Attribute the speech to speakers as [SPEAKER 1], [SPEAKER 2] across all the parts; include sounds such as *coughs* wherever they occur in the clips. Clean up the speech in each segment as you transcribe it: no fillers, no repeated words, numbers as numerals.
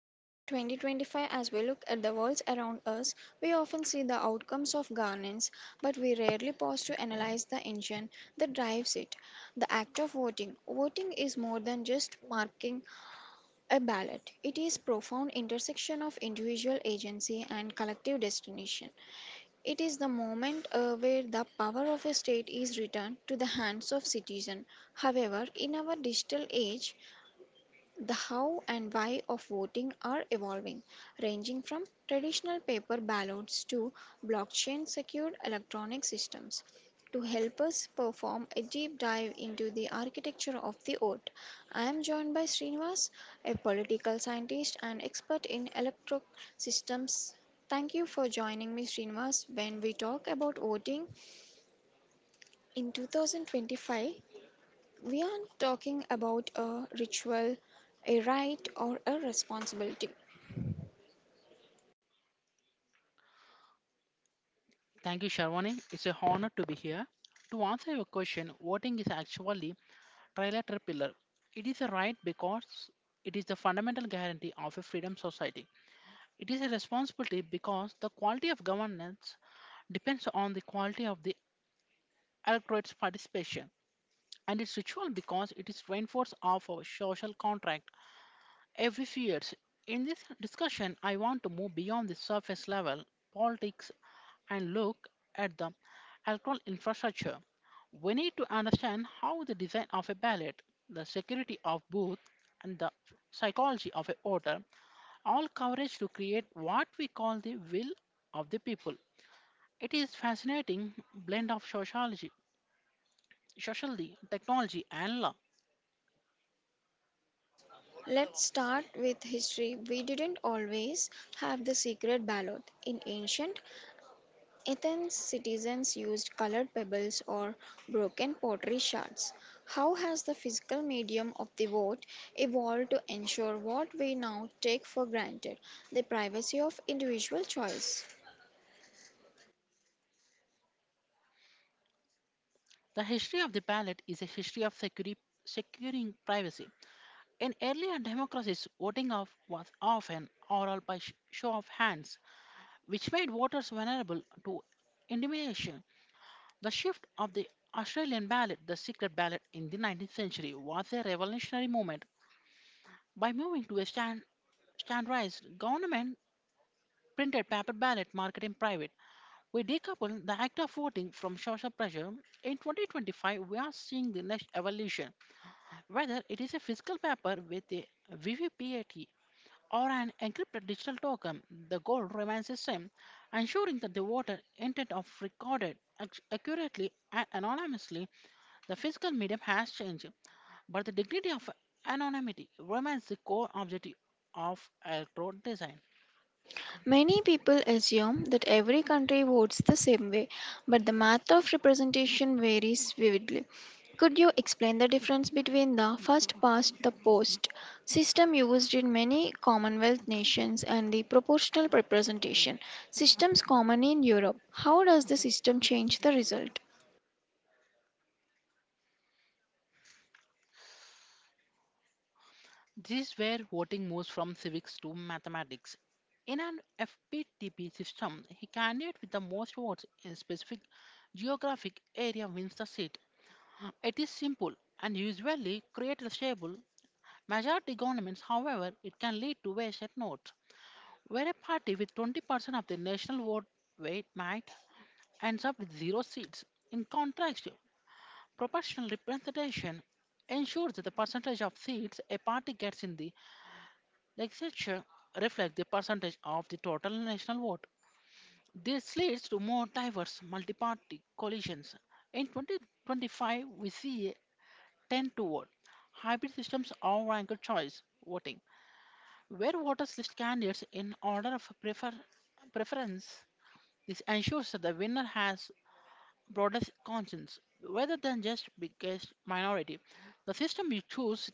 [SPEAKER 1] December 2025. As we look at the worlds around us, we often see the outcomes of governance, but we rarely pause to analyze the engine that drives it. The act of voting. Voting is more than just marking a ballot. It is profound intersection of individual agency and collective destination. It is the moment where the power of a state is returned to the hands of citizens. However, in our digital age, the how and why of voting are evolving, ranging from traditional paper ballots to blockchain secured electronic systems. To help us perform a deep dive into the architecture of the vote, I am joined by Srinivas, a political scientist and expert in electro systems. Thank you for joining me, Srinivas, when we talk about voting in 2025. We aren't talking about a ritual, a right, or a responsibility.
[SPEAKER 2] Thank you, Sharwani. It's a honor to be here. To answer your question, voting is actually trilateral pillar. It is a right because it is the fundamental guarantee of a freedom society. It is a responsibility because the quality of governance depends on the quality of the electorate's participation. And it's ritual because it is reinforced of our social contract every few years. In this discussion, I want to move beyond the surface level politics and look at the electoral infrastructure. We need to understand how the design of a ballot, the security of booth, and the psychology of a voter all coverage to create what we call the will of the people. It is fascinating blend of sociology, technology, and law.
[SPEAKER 1] Let's start with history. We didn't always have the secret ballot. In ancient Athens, citizens used colored pebbles or broken pottery shards. How has the physical medium of the vote evolved to ensure what we now take for granted the privacy of individual choice?
[SPEAKER 2] The history of the ballot is a history of security, securing privacy. In earlier democracies, voting of was often oral by show of hands, which made voters vulnerable to intimidation. The shift of the Australian ballot, the secret ballot, in the 19th century was a revolutionary movement. By moving to a standardized government printed paper ballot market in private, we decoupled the act of voting from social pressure. In 2025, we are seeing the next evolution, whether it is a physical paper with a VVPAT or an encrypted digital token, the goal remains the same, ensuring that the voter intent of recorded accurately and anonymously. The physical medium has changed, but the dignity of anonymity remains the core objective of electrode design.
[SPEAKER 1] Many people assume that every country votes the same way, but the math of representation varies vividly. Could you explain the difference between the first past the post system used in many Commonwealth nations and the proportional representation systems common in Europe? How does the system change the result?
[SPEAKER 2] This is where voting moves from civics to mathematics. In an FPTP system, a candidate with the most votes in a specific geographic area wins the seat. It is simple and usually creates a stable majority governments. However, it can lead to wasted notes, where a party with 20% of the national vote weight might ends up with zero seats. In contrast, proportional representation ensures that the percentage of seats a party gets in the legislature reflect the percentage of the total national vote. This leads to more diverse multi-party coalitions. In 2025, we see a 10 to one hybrid systems or ranked choice voting, where voters list candidates in order of preference. This ensures that the winner has broader conscience rather than just biggest minority. The system you choose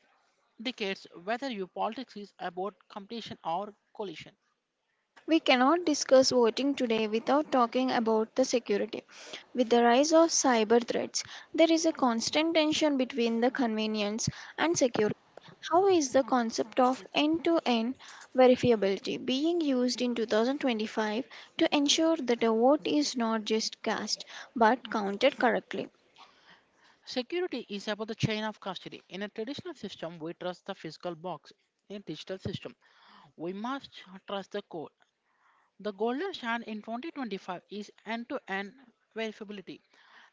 [SPEAKER 2] indicates whether your politics is about competition or coalition.
[SPEAKER 1] We cannot discuss voting today without talking about the security. With the rise of cyber threats, there is a constant tension between the convenience and security. How is the concept of end to end verifiability being used in 2025 to ensure that a vote is not just cast but counted correctly?
[SPEAKER 2] Security is about the chain of custody. In a traditional system, we trust the physical box. In a digital system, we must trust the code. The golden standard in 2025 is end-to-end verifiability.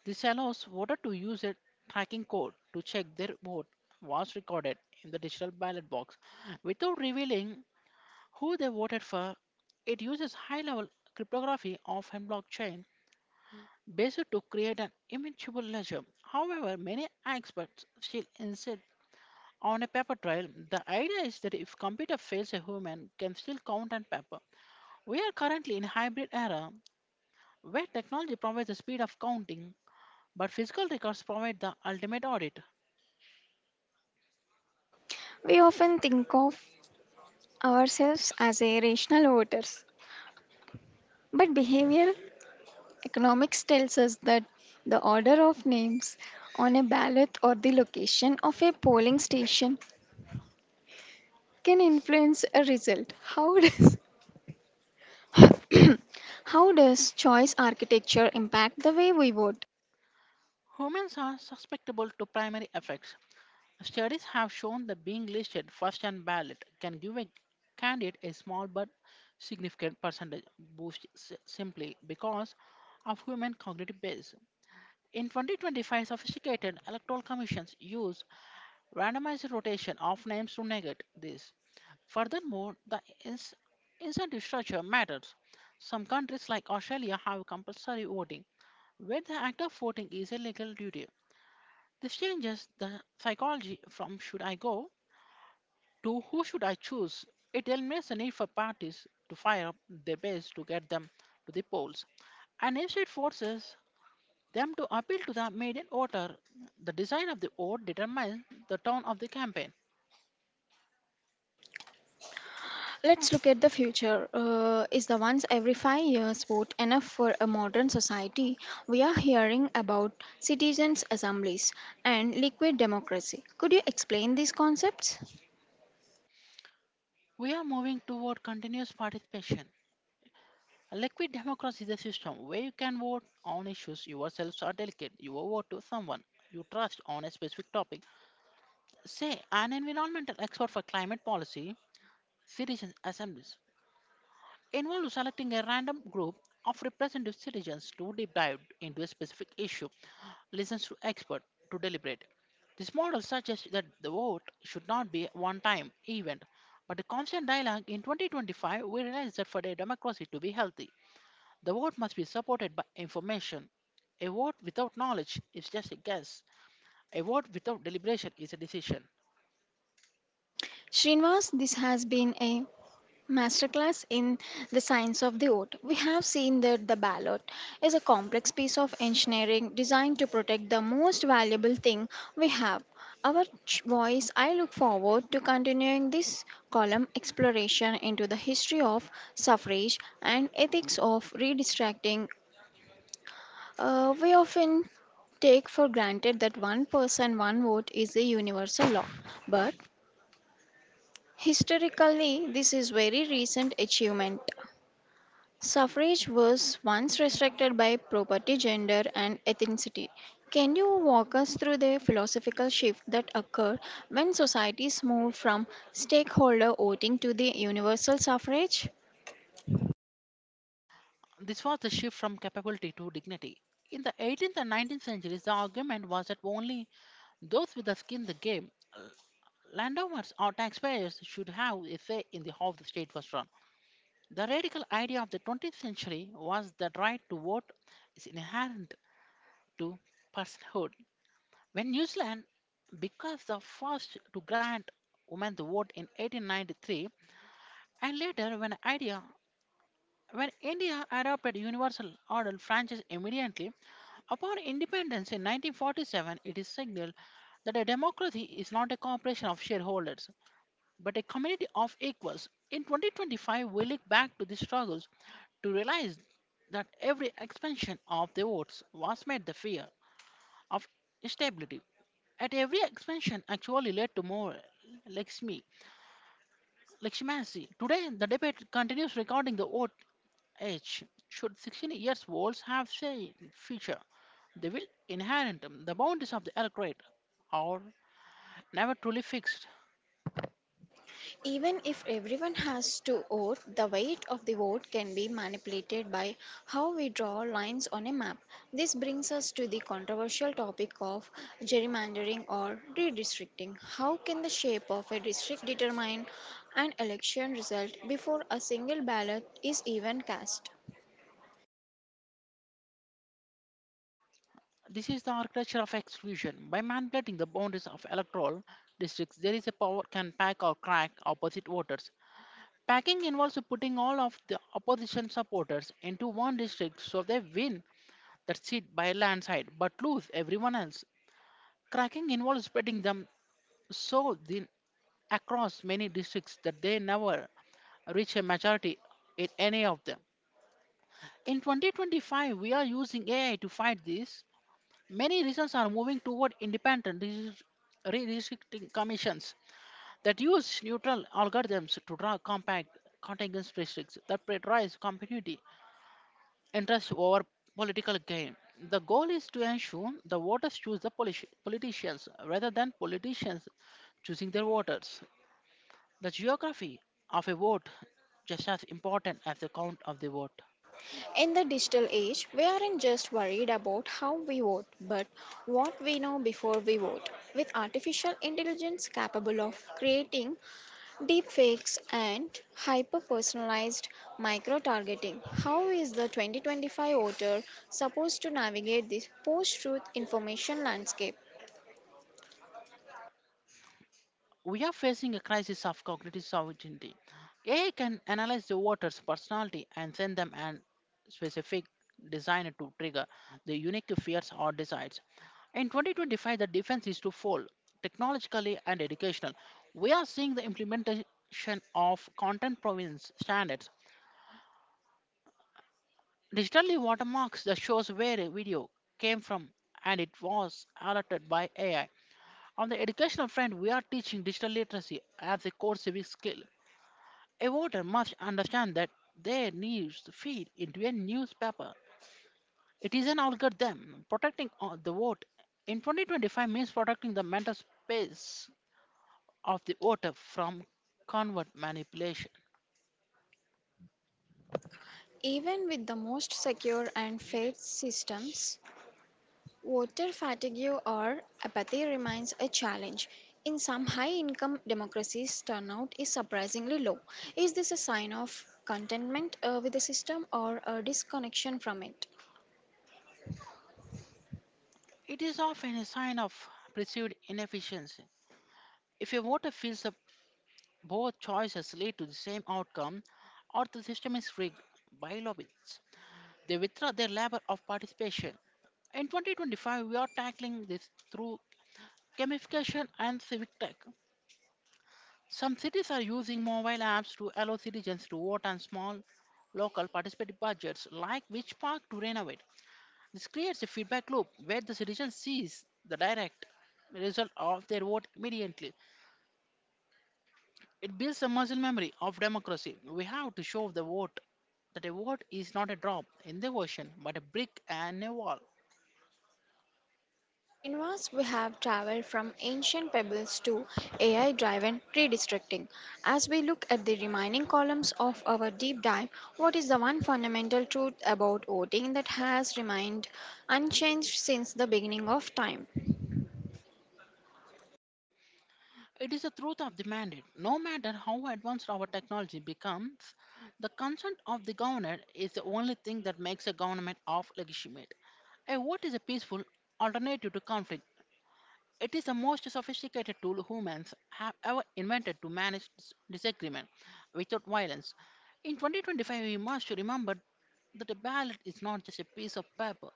[SPEAKER 2] This allows voter to use a tracking code to check their vote was recorded in the digital ballot box without revealing who they voted for. It uses high level cryptography of a blockchain based to create an immutable ledger. However, many experts still insist on a paper trail. The idea is that if computer fails a human can still count on paper. We are currently in a hybrid era where technology provides the speed of counting but physical records provide the ultimate audit.
[SPEAKER 1] We often think of ourselves as a rational voters, but behavior economics tells us that the order of names on a ballot or the location of a polling station can influence a result. How does *coughs* how does choice architecture impact the way we vote?
[SPEAKER 2] Humans are susceptible to primary effects. Studies have shown that being listed first on ballot can give a candidate a small but significant percentage boost simply because of human cognitive bias. In 2025, sophisticated electoral commissions use randomized rotation of names to negate this. Furthermore, the ins- incentive structure matters. Some countries like Australia have compulsory voting, where the act of voting is a legal duty. This changes the psychology from should I go to who should I choose? It eliminates the need for parties to fire up their base to get them to the polls. And instead forces them to appeal to the median voter. The design of the vote determines the tone of the campaign.
[SPEAKER 1] Let's look at the future. Is the once every 5 years vote enough for a modern society? We are hearing about citizens' assemblies and liquid democracy. Could you explain these concepts?
[SPEAKER 2] We are moving toward continuous participation. A liquid democracy is a system where you can vote on issues yourself or delegate your vote to someone you trust on a specific topic. Say, an environmental expert for climate policy, citizen assemblies involves selecting a random group of representative citizens to deep dive into a specific issue, listens to experts to deliberate. This model suggests that the vote should not be a one time event, but a constant dialogue. In 2025, we realize that for a democracy to be healthy, the vote must be supported by information. A vote without knowledge is just a guess. A vote without deliberation is a decision.
[SPEAKER 1] Srinivas, this has been a masterclass in the science of the oath. We have seen that the ballot is a complex piece of engineering designed to protect the most valuable thing we have our voice. I look forward to continuing this column exploration into the history of suffrage and ethics of redistracting. We often take for granted that one person, one vote is a universal law, but historically, this is very recent achievement. Suffrage was once restricted by property, gender, and ethnicity. Can you walk us through the philosophical shift that occurred when societies moved from stakeholder voting to the universal suffrage?
[SPEAKER 2] This was the shift from capability to dignity. In the 18th and 19th centuries, the argument was that only those with the skin in the game, landowners or taxpayers should have a say in the how the state was run. The radical idea of the 20th century was that right to vote is inherent to personhood. When New Zealand becomes the first to grant women the vote in 1893, and later when India adopted universal adult franchise immediately upon independence in 1947, it is signaled that a democracy is not a corporation of shareholders but a community of equals. In 2025, we look back to the struggles to realize that every expansion of the votes was made the fear of instability. At every expansion actually led to more Lakshmi, Lakshmasi. Today, the debate continues regarding the vote age. Should 16 years olds have say feature? They will inherit the boundaries of the electorate or never truly fixed.
[SPEAKER 1] Even if everyone has to vote, the weight of the vote can be manipulated by how we draw lines on a map. This brings us to the controversial topic of gerrymandering or redistricting. How can the shape of a district determine an election result before a single ballot is even cast?
[SPEAKER 2] This is the architecture of exclusion. By manipulating the boundaries of electoral districts, there is a power can pack or crack opposite voters. Packing involves putting all of the opposition supporters into one district so they win that seat by a landslide but lose everyone else. Cracking involves spreading them so thin across many districts that they never reach a majority in any of them. In 2025, we are using AI to fight this. Many regions are moving toward independent redistricting commissions that use neutral algorithms to draw compact contiguous districts that prioritize community interests over political gain. The goal is to ensure the voters choose the politicians rather than politicians choosing their voters. The geography of a vote just as important as the count of the vote.
[SPEAKER 1] In the digital age, we aren't just worried about how we vote, but what we know before we vote. With artificial intelligence capable of creating deepfakes and hyper personalized micro targeting. How is the 2025 voter supposed to navigate this post truth information landscape?
[SPEAKER 2] We are facing a crisis of cognitive sovereignty. AI can analyze the voter's personality and send them an specific designer to trigger the unique fears or desires. In 2025, the defense is to twofold technologically and educational. We are seeing the implementation of content provenance standards. Digitally watermarks that shows where a video came from and it was alerted by AI. On the educational front, we are teaching digital literacy as a core civic skill. A voter must understand that their news feed into a newspaper. It is an algorithm. Protecting the vote in 2025 means protecting the mental space of the voter from convert manipulation.
[SPEAKER 1] Even with the most secure and fair systems, voter fatigue or apathy remains a challenge. In some high income democracies, turnout is surprisingly low. Is this a sign of contentment with the system or a disconnection from it?
[SPEAKER 2] It is often a sign of perceived inefficiency. If a voter feels that both choices lead to the same outcome or the system is rigged by lobbyists, they withdraw their labor of participation. In 2025, we are tackling this through gamification and civic tech. Some cities are using mobile apps to allow citizens to vote on small local participative budgets like which park to renovate. This creates a feedback loop where the citizen sees the direct result of their vote immediately. It builds a muscle memory of democracy. We have to show the vote that a vote is not a drop in the ocean but a brick and a wall.
[SPEAKER 1] Srinivas, we have traveled from ancient pebbles to AI driven redistricting. As we look at the remaining columns of our deep dive, what is the one fundamental truth about voting that has remained unchanged since the beginning of time?
[SPEAKER 2] It is the truth of demanded. No matter how advanced our technology becomes, the consent of the governor is the only thing that makes a government of legitimate. A vote is a peaceful alternative to conflict. It is the most sophisticated tool humans have ever invented to manage disagreement without violence. In 2025, we must remember that a ballot is not just a piece of paper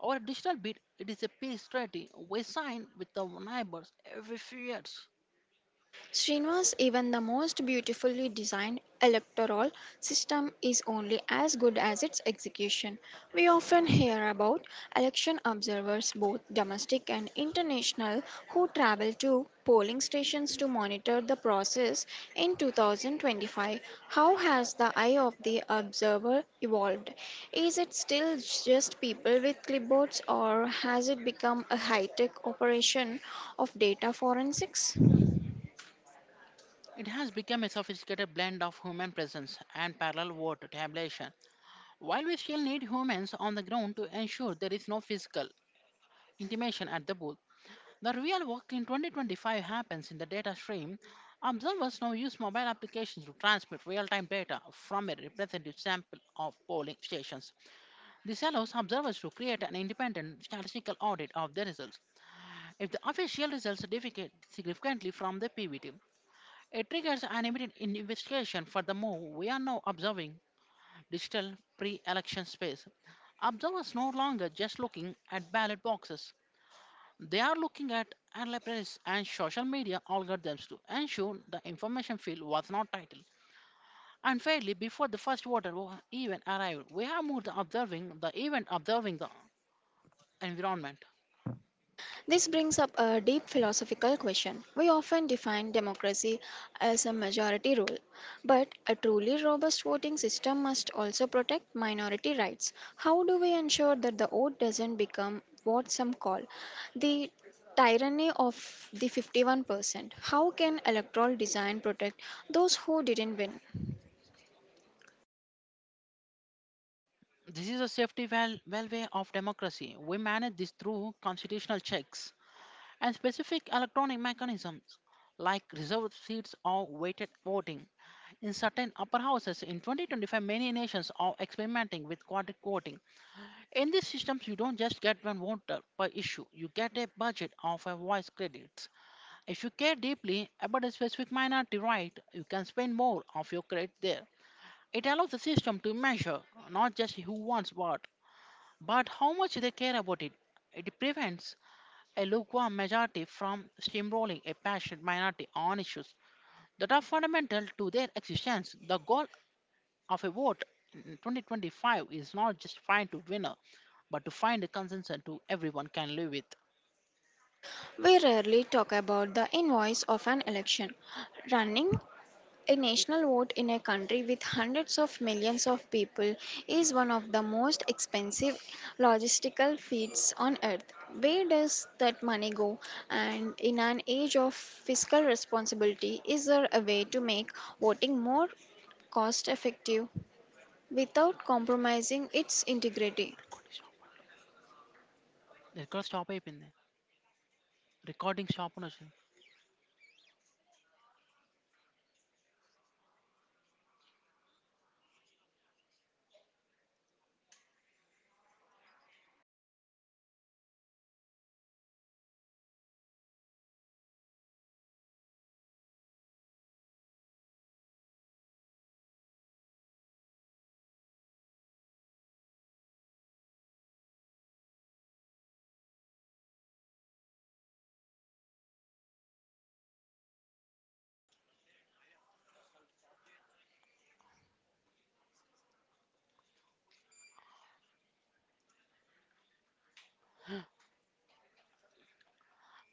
[SPEAKER 2] or a digital bit, it is a peace treaty we sign with our neighbors every few years.
[SPEAKER 1] Srinivas, even the most beautifully designed electoral system is only as good as its execution. We often hear about election observers, both domestic and international, who travel to polling stations to monitor the process in 2025. How has the eye of the observer evolved? Is it still just people with clipboards, or has it become a high tech operation of data forensics?
[SPEAKER 2] It has become a sophisticated blend of human presence and parallel world tabulation. While we still need humans on the ground to ensure there is no physical intimation at the booth, the real work in 2025 happens in the data stream. Observers now use mobile applications to transmit real time data from a representative sample of polling stations. This allows observers to create an independent statistical audit of the results. If the official results differ significantly from the PVT, it triggers an immediate investigation. Furthermore, we are now observing digital pre election space. Observers no longer just looking at ballot boxes. They are looking at analytics and social media algorithms to ensure the information field was not titled. Unfairly, before the first voter even arrived, we have moved to observing the event, observing the environment.
[SPEAKER 1] This brings up a deep philosophical question. We often define democracy as a majority rule, but a truly robust voting system must also protect minority rights. How do we ensure that the vote doesn't become what some call the tyranny of the 51%? How can electoral design protect those who didn't win?
[SPEAKER 2] This is a safety way of democracy. We manage this through constitutional checks and specific electronic mechanisms like reserved seats or weighted voting. In certain upper houses in 2025, many nations are experimenting with quadric voting. In these systems, you don't just get one voter per issue, you get a budget of a voice credits. If you care deeply about a specific minority right, you can spend more of your credit there. It allows the system to measure not just who wants what, but how much they care about it. It prevents a lukewarm majority from steamrolling a passionate minority on issues that are fundamental to their existence. The goal of a vote in 2025 is not just find to winner, but to find a consensus to everyone can live with.
[SPEAKER 1] We rarely talk about the invoice of an election running a national vote in a country with hundreds of millions of people is one of the most expensive logistical feats on earth. Where does that money go? And in an age of fiscal responsibility, is there a way to make voting more cost effective without compromising its integrity?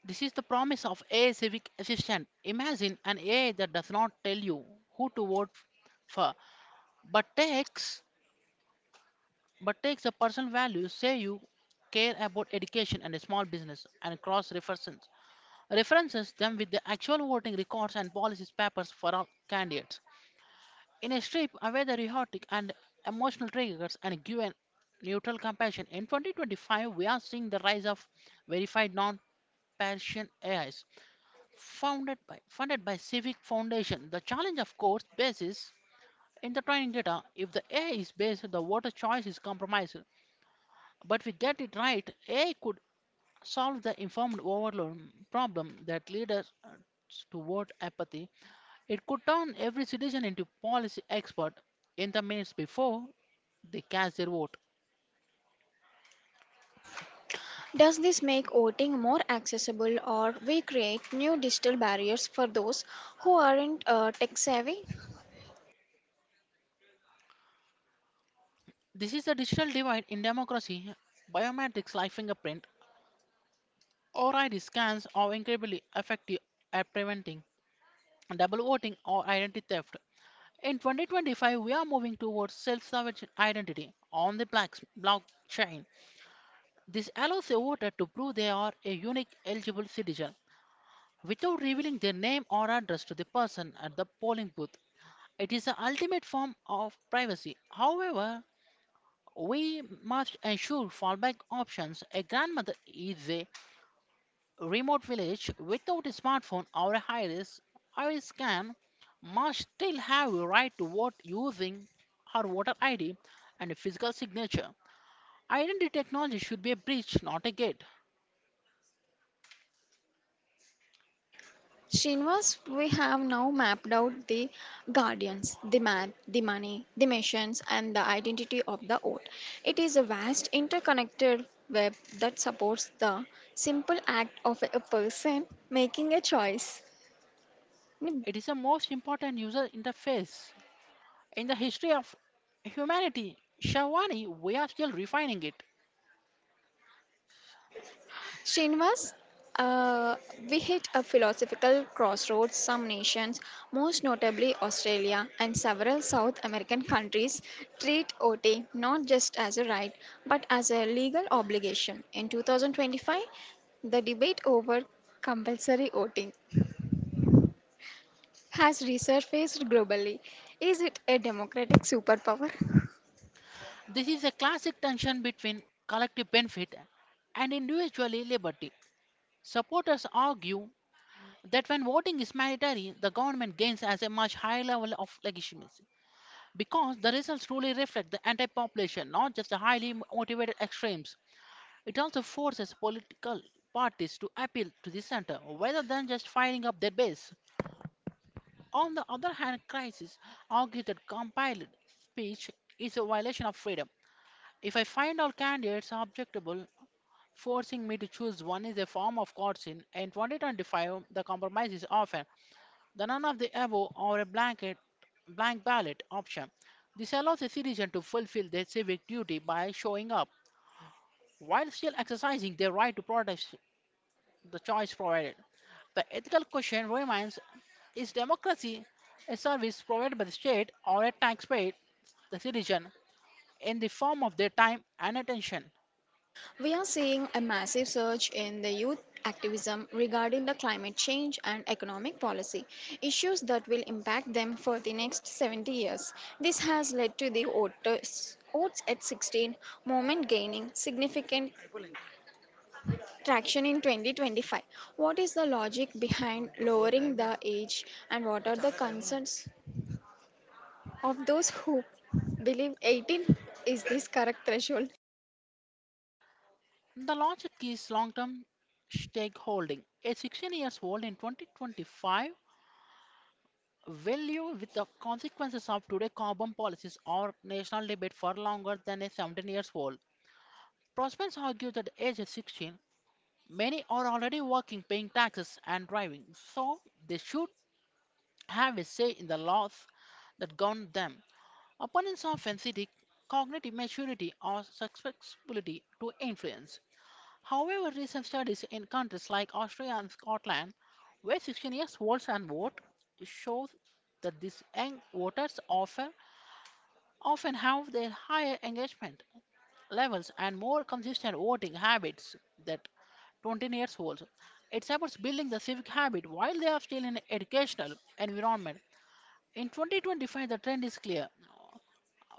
[SPEAKER 2] This is the promise of AI civic assistant. Imagine an AI that does not tell you who to vote for, but takes but takes the personal values, say you care about education and small business, and cross references them with the actual voting records and policies papers for all candidates. In a strip, away the rhetoric and emotional triggers and give an neutral compassion. In 2025, we are seeing the rise of verified non-partisan AIs founded by funded by civic foundation. The challenge of course basis in the training data. If the A is based, the water choice is compromised, but we get it right. A could solve the informed overload problem that leads to vote apathy. It could turn every citizen into policy expert in the minutes before they cast their vote.
[SPEAKER 1] Does this make voting more accessible or we create new digital barriers for those who aren't tech savvy?
[SPEAKER 2] This is the digital divide in democracy. Biometrics like fingerprint or I.D. scans are incredibly effective at preventing double voting or identity theft. In 2025, we are moving towards self-sovereign identity on the blockchain. This allows a voter to prove they are a unique eligible citizen without revealing their name or address to the person at the polling booth. It is the ultimate form of privacy. However, we must ensure fallback options. A grandmother is a remote village without a smartphone or a iris scan must still have a right to vote using our voter id and a physical signature. Identity technology should be a bridge, not a gate.
[SPEAKER 1] Srinivas, we have now mapped out the guardians, the man, the money, the missions, and the identity of the oath. It is a vast interconnected web that supports the simple act of a person making a choice.
[SPEAKER 2] It is the most important user interface in the history of humanity. Shavani, we are still refining it.
[SPEAKER 1] Srinivas, uh, we hit a philosophical crossroads. Some nations, most notably Australia and several South American countries, treat OT not just as a right but as a legal obligation. In 2025, the debate over compulsory voting has resurfaced globally. Is it a democratic superpower?
[SPEAKER 2] This is a classic tension between collective benefit and individual liberty. Supporters argue that when voting is mandatory, the government gains as a much higher level of legitimacy because the results truly reflect the entire population, not just the highly motivated extremes. It also forces political parties to appeal to the center rather than just firing up their base. On the other hand, crisis argues that compiled speech is a violation of freedom. If I find all candidates objectable, forcing me to choose one is a form of coercion. In 2025, the compromise is often the run of the above or a blank ballot option. This allows a citizen to fulfill their civic duty by showing up while still exercising their right to protest the choice provided. The ethical question remains, is democracy a service provided by the state or a taxpayer, the citizen, in the form of their time and attention?
[SPEAKER 1] We are seeing a massive surge in the youth activism regarding the climate change and economic policy, issues that will impact them for the next 70 years. This has led to the voters, votes at 16 movement gaining significant traction in 2025. What is the logic behind lowering the age and what are the concerns of those who believe 18 is this correct threshold?
[SPEAKER 2] The logic is long term stakeholding. A 16 years old in 2025 value with the consequences of today's carbon policies or national debate for longer than a 17 years old. Prospects argue that age is 16, many are already working, paying taxes, and driving, so they should have a say in the laws that govern them. Opponents often see the cognitive maturity or susceptibility to influence. However, recent studies in countries like Austria and Scotland, where 16 years olds and vote, shows that these young voters often have their higher engagement levels and more consistent voting habits than 20 years olds. It supports building the civic habit while they are still in an educational environment. In 2025, the trend is clear.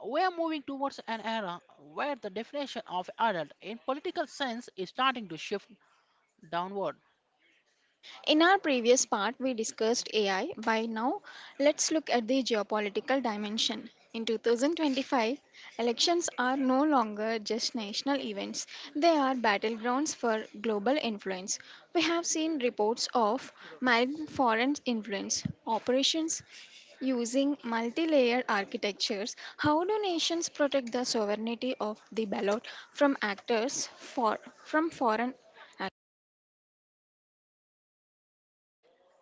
[SPEAKER 2] We are moving towards an era where the definition of adult in political sense is starting to shift downward.
[SPEAKER 1] In our previous part, we discussed AI. By now, let's look at the geopolitical dimension. In 2025, elections are no longer just national events, they are battlegrounds for global influence. We have seen reports of malign foreign influence operations using multi layered architectures. How do nations protect the sovereignty of the ballot from actors from foreign?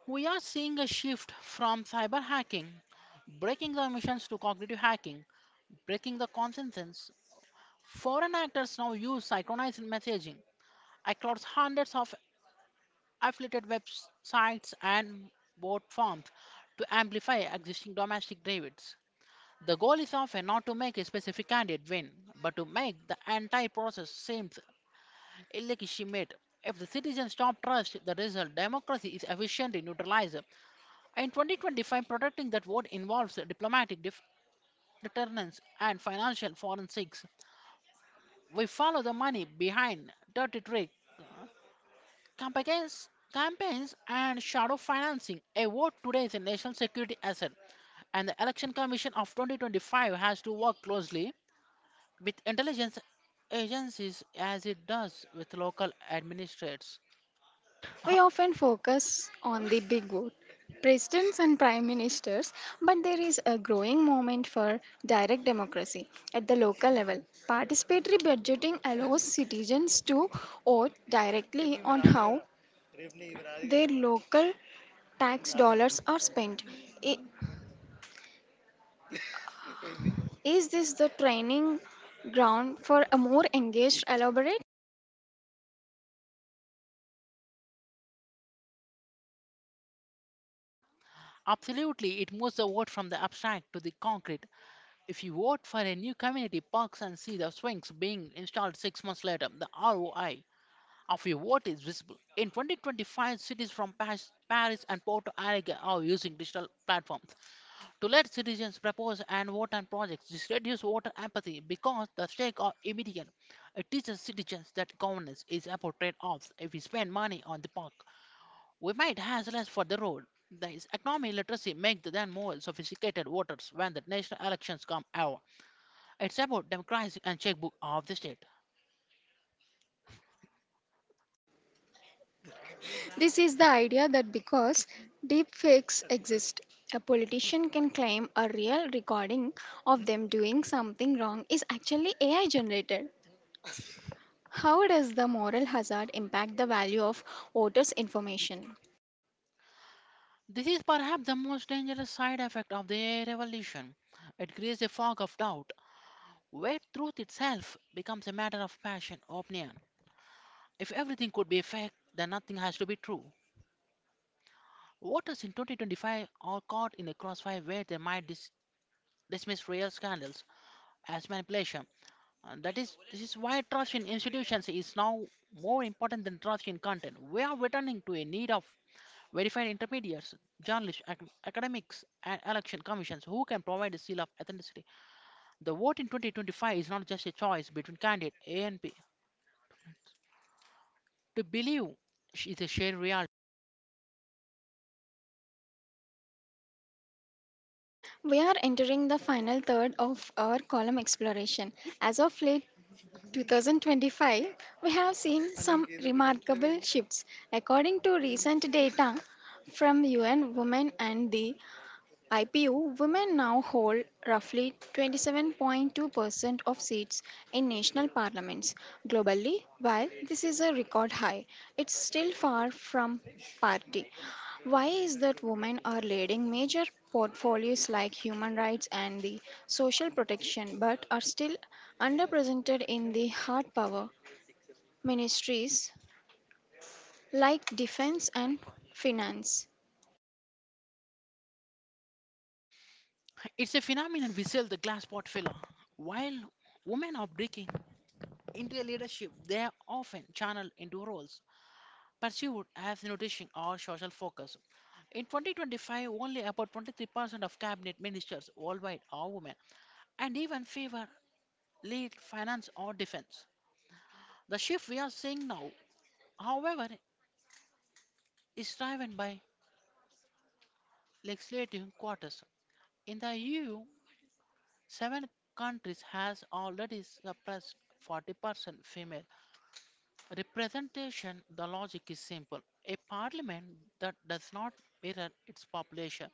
[SPEAKER 2] We are seeing a shift from cyber hacking, breaking the missions, to cognitive hacking, breaking the consensus. Foreign actors now use synchronized messaging across hundreds of affiliated websites and bot farms to amplify existing domestic debates. The goal is often not to make a specific candidate win, but to make the entire process seem illegitimate. If the citizens stop trust the result, democracy is efficiently neutralized. In 2025, protecting that vote involves diplomatic deterrence and financial forensics. We follow the money behind dirty tricks Campaigns, campaigns and shadow financing. A vote today is a national security asset, and the Election Commission of 2025 has to work closely with intelligence agencies as it does with local administrators.
[SPEAKER 1] We
[SPEAKER 2] *laughs* Uh,
[SPEAKER 1] often focus on the big vote, presidents and prime ministers, but there is a growing moment for direct democracy at the local level. Participatory budgeting allows citizens to vote directly on how their local tax dollars are spent. I- Is this the training ground for a more engaged, elaborate?
[SPEAKER 2] Absolutely, it moves the vote from the abstract to the concrete. If you vote for a new community parks and see the swings being installed 6 months later, the ROI of your vote is visible. In 2025, cities from Paris and Porto Alegre are using digital platforms to let citizens propose and vote on projects. This reduces voter apathy because the stakes are immediate. It teaches citizens that governance is about trade-offs. If we spend money on the park, we might have less for the road. There is economic literacy makes them more sophisticated voters when the national elections come out. It's about democracy and checkbook of the state.
[SPEAKER 1] This is the idea that because deepfakes exist, a politician can claim a real recording of them doing something wrong is actually AI generated. How does the moral hazard impact the value of voters' information?
[SPEAKER 2] This is perhaps the most dangerous side effect of the revolution. It creates a fog of doubt, where truth itself becomes a matter of passion or opinion. If everything could be a fact, then nothing has to be true. Voters in 2025 are caught in a crossfire where they might dismiss real scandals as manipulation. And that is, this is why trust in institutions is now more important than trust in content. We are returning to a need of verified intermediaries, journalists, academics, and election commissions who can provide a seal of authenticity. The vote in 2025 is not just a choice between candidate A and B. To believe is a shared reality.
[SPEAKER 1] We are entering the final third of our column exploration. As of late 2025, we have seen some remarkable shifts. According to recent data from UN Women and the IPU women now hold roughly 27.2% of seats in national parliaments. Globally, while this is a record high, it's still far from parity. Why is that women are leading major portfolios like human rights and the social protection but are still underrepresented in the hard power ministries like defense and finance?
[SPEAKER 2] It's a phenomenon we sell the glass pot filler. While women are breaking into leadership, they are often channeled into roles pursued as nutrition or social focus. In 2025, only about 23% of cabinet ministers worldwide are women, and even fewer lead finance or defense. The shift we are seeing now, however, is driven by legislative quotas. In the EU, seven countries has already suppressed 40% female representation. The logic is simple. A parliament that does not mirror its population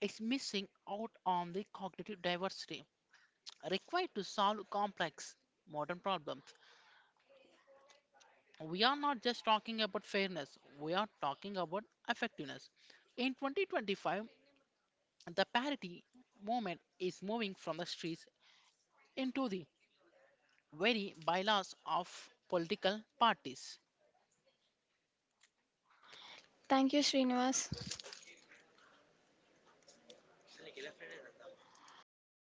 [SPEAKER 2] is missing out on the cognitive diversity required to solve complex modern problems. We are not just talking about fairness, we are talking about effectiveness. In 2025, the parity movement is moving from the streets into the very bylaws of political parties.
[SPEAKER 1] Thank you, Srinivas. Mr.